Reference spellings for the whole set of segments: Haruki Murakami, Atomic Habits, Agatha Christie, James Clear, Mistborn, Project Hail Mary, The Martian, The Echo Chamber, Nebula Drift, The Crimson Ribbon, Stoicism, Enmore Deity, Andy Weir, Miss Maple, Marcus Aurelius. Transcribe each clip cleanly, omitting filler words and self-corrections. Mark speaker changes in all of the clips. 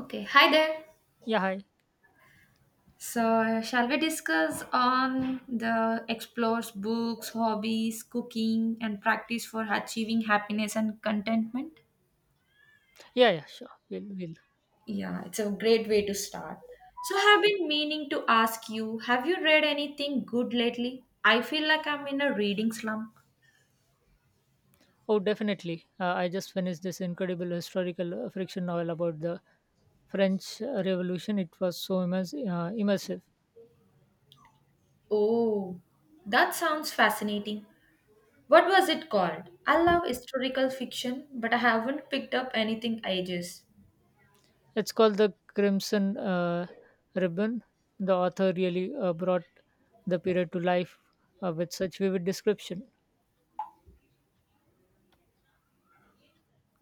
Speaker 1: Okay, hi there.
Speaker 2: Yeah, hi.
Speaker 1: So, shall we discuss on the explores books, hobbies, cooking, and practice for achieving happiness and contentment?
Speaker 2: Yeah, yeah, sure. We'll, we'll.
Speaker 1: Yeah, it's a great way to start. So, I've been meaning to ask you have you read anything good lately? I feel like I'm in a reading slump.
Speaker 2: Oh, definitely. I just finished this incredible historical fiction novel about the French Revolution. It was so immersive.
Speaker 1: Oh, that sounds fascinating. What was it called? I love historical fiction, but I haven't picked up anything ages.
Speaker 2: It's called The Crimson Ribbon. The author really brought the period to life with such vivid description.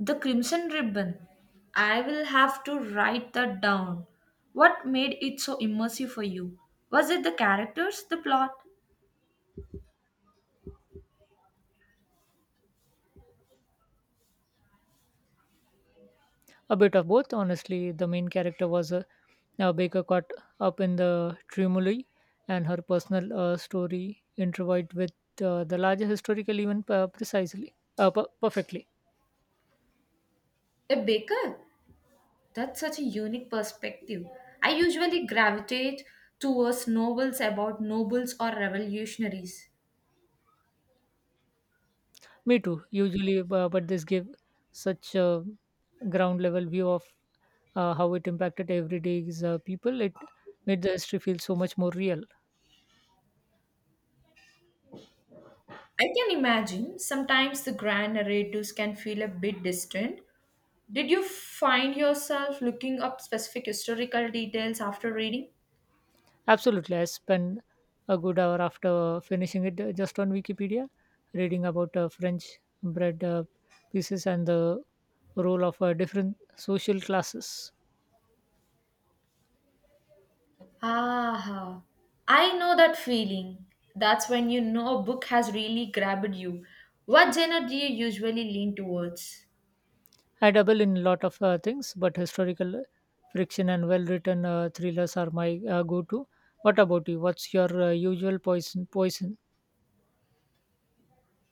Speaker 1: The crimson ribbon. I will have to write that down. What made it so immersive for you? Was it the characters, the plot?
Speaker 2: A bit of both, honestly. The main character was a baker caught up in the turmoil, and her personal story intertwined with the larger historical event perfectly.
Speaker 1: A baker? That's such a unique perspective. I usually gravitate towards novels about nobles or revolutionaries.
Speaker 2: Me too, usually, but this gave such a ground level view of how it impacted everyday people. It made the history feel so much more real.
Speaker 1: I can imagine sometimes the grand narratives can feel a bit distant. Did you find yourself looking up specific historical details after reading?
Speaker 2: Absolutely. I spent a good hour after finishing it just on Wikipedia, reading about French bread pieces and the role of different social classes.
Speaker 1: Ah, I know that feeling. That's when you know a book has really grabbed you. What genre do you usually lean towards?
Speaker 2: I dabble in a lot of things, but historical friction and well written thrillers are my go to. What about you? What's your usual poison?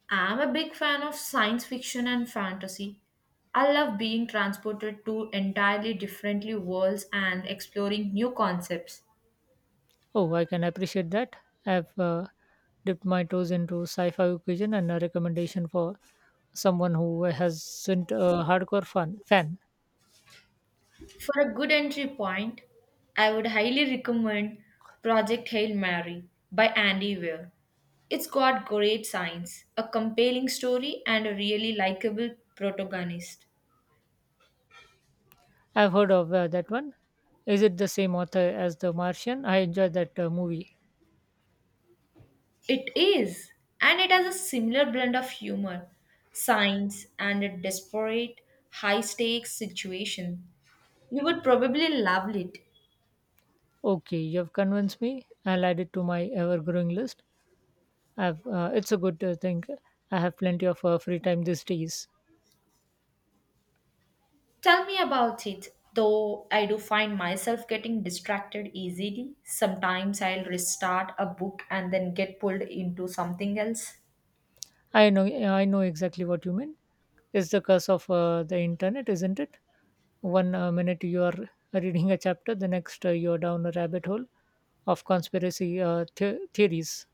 Speaker 1: I'm a big fan of science fiction and fantasy. I love being transported to entirely different worlds and exploring new concepts.
Speaker 2: Oh, I can appreciate that. I've dipped my toes into sci-fi occasion and a recommendation for someone who hasn't a hardcore fan.
Speaker 1: For a good entry point, I would highly recommend Project Hail Mary by Andy Weir. It's got great science, a compelling story, and a really likable protagonist.
Speaker 2: I've heard of that one. Is it the same author as The Martian? I enjoyed that movie.
Speaker 1: It is, and it has a similar blend of humor, science, and a desperate, high stakes situation. You would probably love it.
Speaker 2: Okay, you've convinced me. I'll add it to my ever-growing list. It's a good thing. I have plenty of free time these days.
Speaker 1: Tell me about it, though I do find myself getting distracted easily. Sometimes I'll restart a book and then get pulled into something else.
Speaker 2: I know exactly what you mean. It's the curse of the internet, isn't it? One minute you are reading a chapter, the next you are down a rabbit hole of conspiracy theories.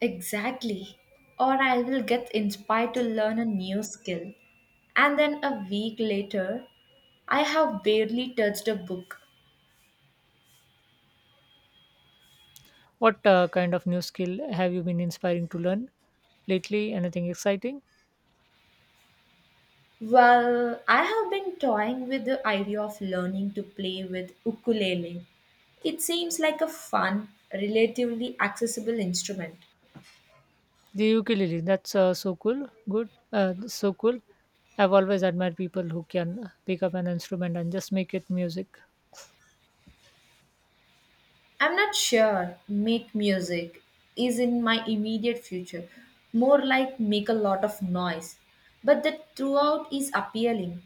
Speaker 1: Exactly. Or I will get inspired to learn a new skill. And then a week later, I have barely touched a book.
Speaker 2: What kind of new skill have you been inspiring to learn lately? Anything exciting?
Speaker 1: Well, I have been toying with the idea of learning to play with ukulele. It seems like a fun, relatively accessible instrument.
Speaker 2: The ukulele, that's so cool. I've always admired people who can pick up an instrument and just make it music.
Speaker 1: I'm not sure make music is in my immediate future, more like make a lot of noise. But the throughout is appealing.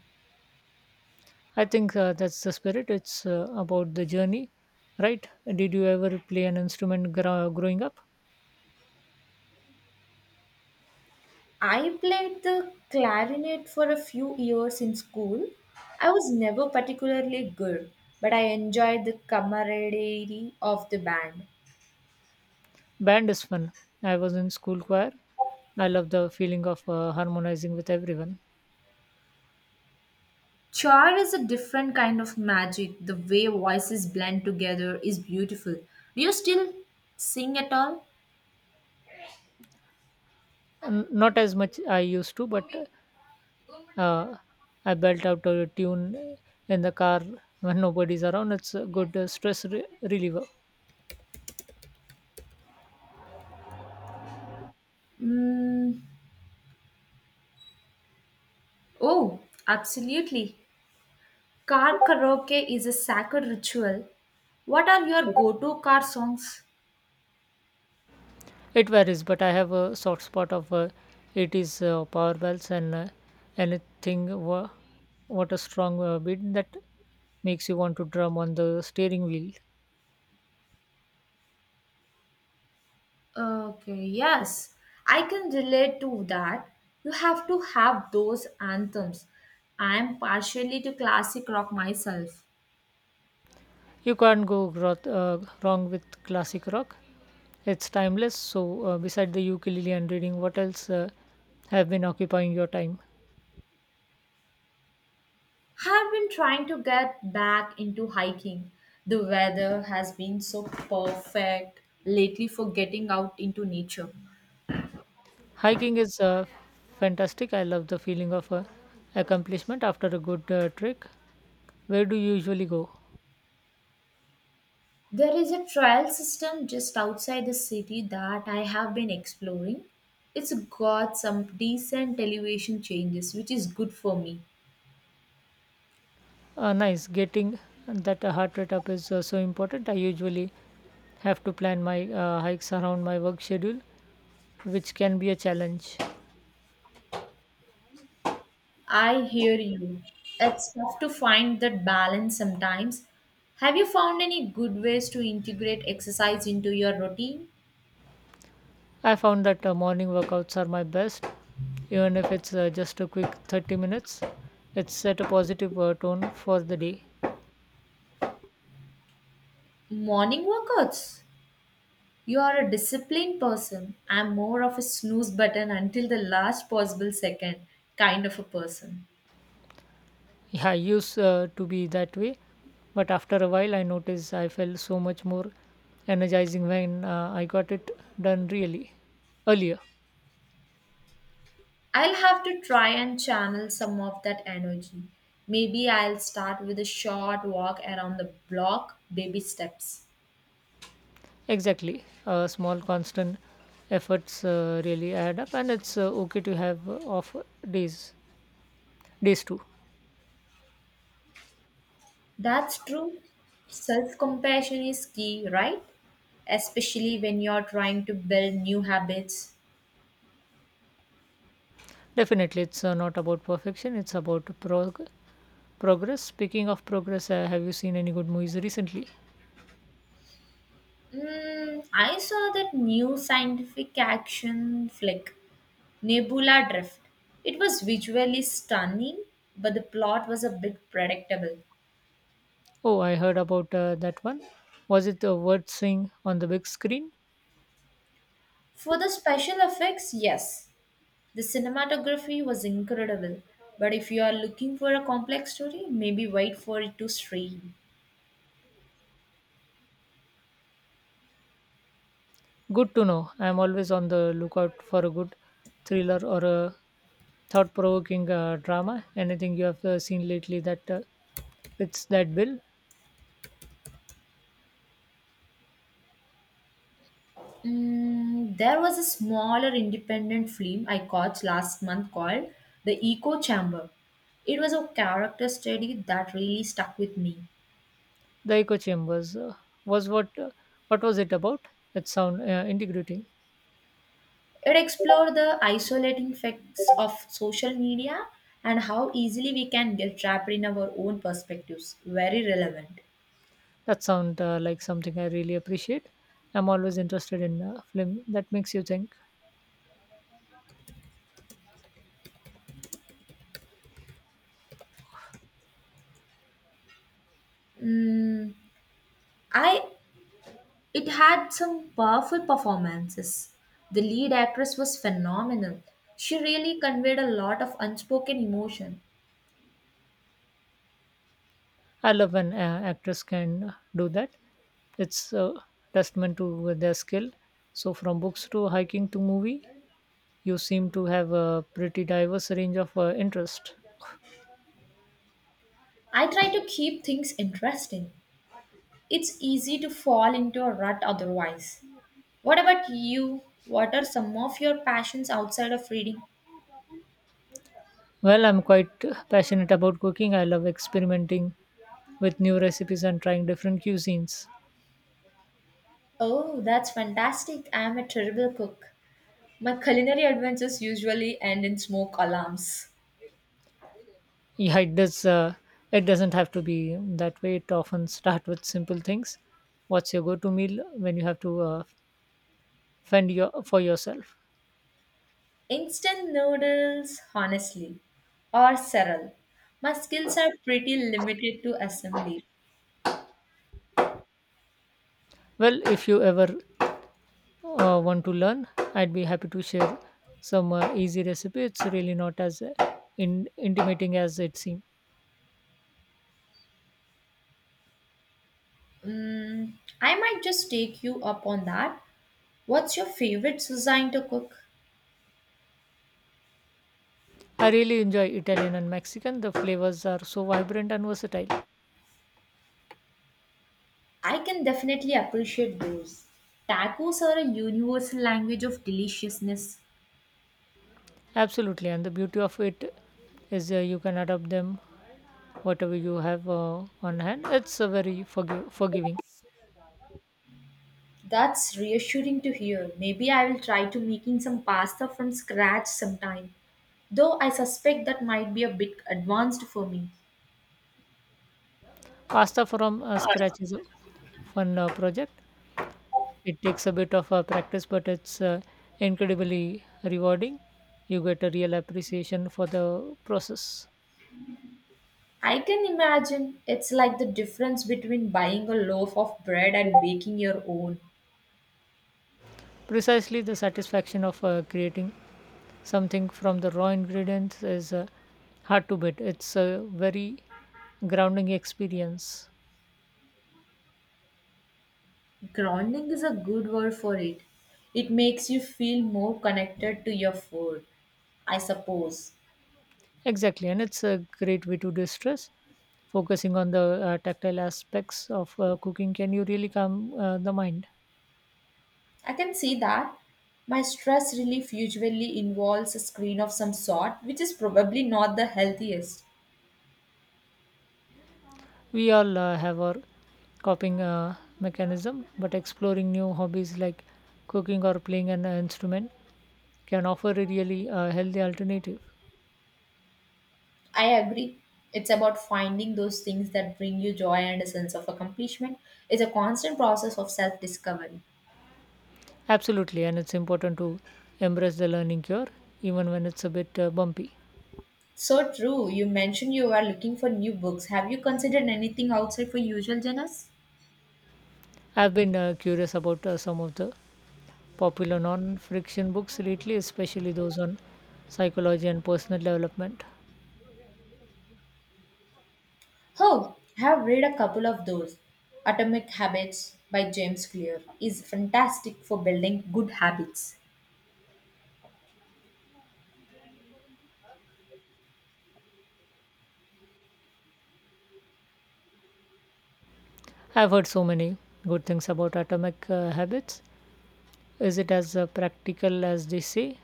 Speaker 2: I think that's the spirit. It's about the journey, right? Did you ever play an instrument growing up?
Speaker 1: I played the clarinet for a few years in school. I was never particularly good, but I enjoyed the camaraderie of the band.
Speaker 2: Band is fun. I was in school choir. I love the feeling of harmonizing with everyone.
Speaker 1: Choir is a different kind of magic. The way voices blend together is beautiful. Do you still sing at all?
Speaker 2: Not as much I used to, but uh, I belt out a tune in the car when nobody's around. It's a good reliever.
Speaker 1: Mm. Oh, absolutely. Car karaoke is a sacred ritual. What are your go to car songs?
Speaker 2: It varies, but I have a soft spot of 80s power bells and anything wha- what a strong beat that makes you want to drum on the steering wheel.
Speaker 1: Okay, yes, I can relate to that. You have to have those anthems. I am partially to classic rock myself.
Speaker 2: You can't go wrong with classic rock. It's timeless. So, beside the ukulele and reading, what else have been occupying your time?
Speaker 1: Have been trying to get back into hiking. The weather has been so perfect lately for getting out into nature.
Speaker 2: Hiking is fantastic. I love the feeling of accomplishment after a good trek. Where do you usually go?
Speaker 1: There is a trail system just outside the city that I have been exploring. It's got some decent elevation changes, which is good for me.
Speaker 2: Nice. Getting that heart rate up is so important. I usually have to plan my hikes around my work schedule, which can be a challenge.
Speaker 1: I hear you. It's tough to find that balance sometimes. Have you found any good ways to integrate exercise into your routine?
Speaker 2: I found that morning workouts are my best, even if it's just a quick 30 minutes. It set a positive tone for the day.
Speaker 1: Morning workouts. You are a disciplined person. I'm more of a snooze button until the last possible second kind of a person.
Speaker 2: Yeah, I used to be that way, but after a while, I noticed I felt so much more energizing when I got it done really earlier.
Speaker 1: I'll have to try and channel some of that energy. Maybe I'll start with a short walk around the block, baby steps.
Speaker 2: Exactly. Small constant efforts really add up, and it's okay to have off days, days too.
Speaker 1: That's true. Self compassion is key, right? Especially when you're trying to build new habits.
Speaker 2: Definitely, it's not about perfection, it's about progress. Speaking of progress, have you seen any good movies recently?
Speaker 1: Mm, I saw that new scientific action flick, Nebula Drift. It was visually stunning, but the plot was a bit predictable.
Speaker 2: Oh, I heard about that one. Was it a word swing on the big screen?
Speaker 1: For the special effects, yes. The cinematography was incredible, but if you are looking for a complex story, maybe wait for it to stream.
Speaker 2: Good to know. I'm always on the lookout for a good thriller or a thought provoking drama. Anything you have seen lately that fits that bill?
Speaker 1: Mm, there was a smaller independent film I caught last month called The Echo Chamber. It was a character study that really stuck with me.
Speaker 2: The echo chambers was what was it about? It sound integrating.
Speaker 1: It explored the isolating effects of social media and how easily we can get trapped in our own perspectives. Very relevant.
Speaker 2: That sound like something I really appreciate. I'm always interested in film that makes you think.
Speaker 1: Mm, I It had some powerful performances. The lead actress was phenomenal. She really conveyed a lot of unspoken emotion.
Speaker 2: I love when actors can do that. It's a testament to their skill. So from books to hiking to movie, you seem to have a pretty diverse range of interest.
Speaker 1: I try to keep things interesting. It's easy to fall into a rut otherwise. What about you? What are some of your passions outside of reading?
Speaker 2: Well, I'm quite passionate about cooking. I love experimenting with new recipes and trying different cuisines.
Speaker 1: Oh, that's fantastic. I am a terrible cook. My culinary adventures usually end in smoke alarms.
Speaker 2: Yeah, it does, it doesn't have to be that way. It often start with simple things. What's your go-to meal when you have to fend your for yourself?
Speaker 1: Instant noodles, honestly, or Serral. My skills are pretty limited to assembly.
Speaker 2: Well, if you ever want to learn, I'd be happy to share some easy recipe. It's really not as intimidating as it seems.
Speaker 1: Mm, I might just take you up on that. What's your favorite cuisine to cook?
Speaker 2: I really enjoy Italian and Mexican. The flavors are so vibrant and versatile.
Speaker 1: I can definitely appreciate those. Tacos are a universal language of deliciousness.
Speaker 2: Absolutely, and the beauty of it is, you can adapt them whatever you have on hand. It's a very forgiving.
Speaker 1: That's reassuring to hear. Maybe I will try to making some pasta from scratch sometime. Though I suspect that might be a bit advanced for me.
Speaker 2: Pasta from scratch is a fun project. It takes a bit of practice, but it's incredibly rewarding. You get a real appreciation for the process.
Speaker 1: I can imagine it's like the difference between buying a loaf of bread and baking your own.
Speaker 2: Precisely, the satisfaction of creating something from the raw ingredients is hard to beat. It's a very grounding experience.
Speaker 1: Grounding is a good word for it. It makes you feel more connected to your food, I suppose.
Speaker 2: Exactly, and it's a great way to distress. Focusing on the tactile aspects of cooking can you really calm the mind.
Speaker 1: I can see that. My stress relief usually involves a screen of some sort, which is probably not the healthiest.
Speaker 2: We all have our coping mechanism, but exploring new hobbies like cooking or playing an instrument can offer a really healthy alternative.
Speaker 1: I agree. It's about finding those things that bring you joy and a sense of accomplishment. It's a constant process of self discovery.
Speaker 2: Absolutely, and it's important to embrace the learning cure even when it's a bit bumpy.
Speaker 1: So true. You mentioned you are looking for new books. Have you considered anything outside for usual genres?
Speaker 2: I've been curious about some of the popular non-friction books lately, especially those on psychology and personal development.
Speaker 1: Oh, I have read a couple of those. Atomic Habits by James Clear is fantastic for building good habits.
Speaker 2: I've heard so many good things about Atomic Habits. Is it as practical as they say?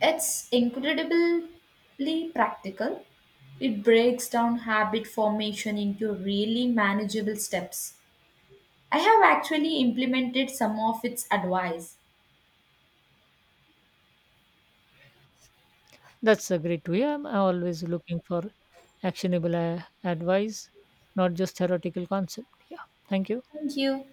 Speaker 1: It's incredibly practical. It breaks down habit formation into really manageable steps. I have actually implemented some of its advice.
Speaker 2: That's a great way. I'm always looking for actionable advice, not just theoretical concept. Yeah, thank you.
Speaker 1: Thank you.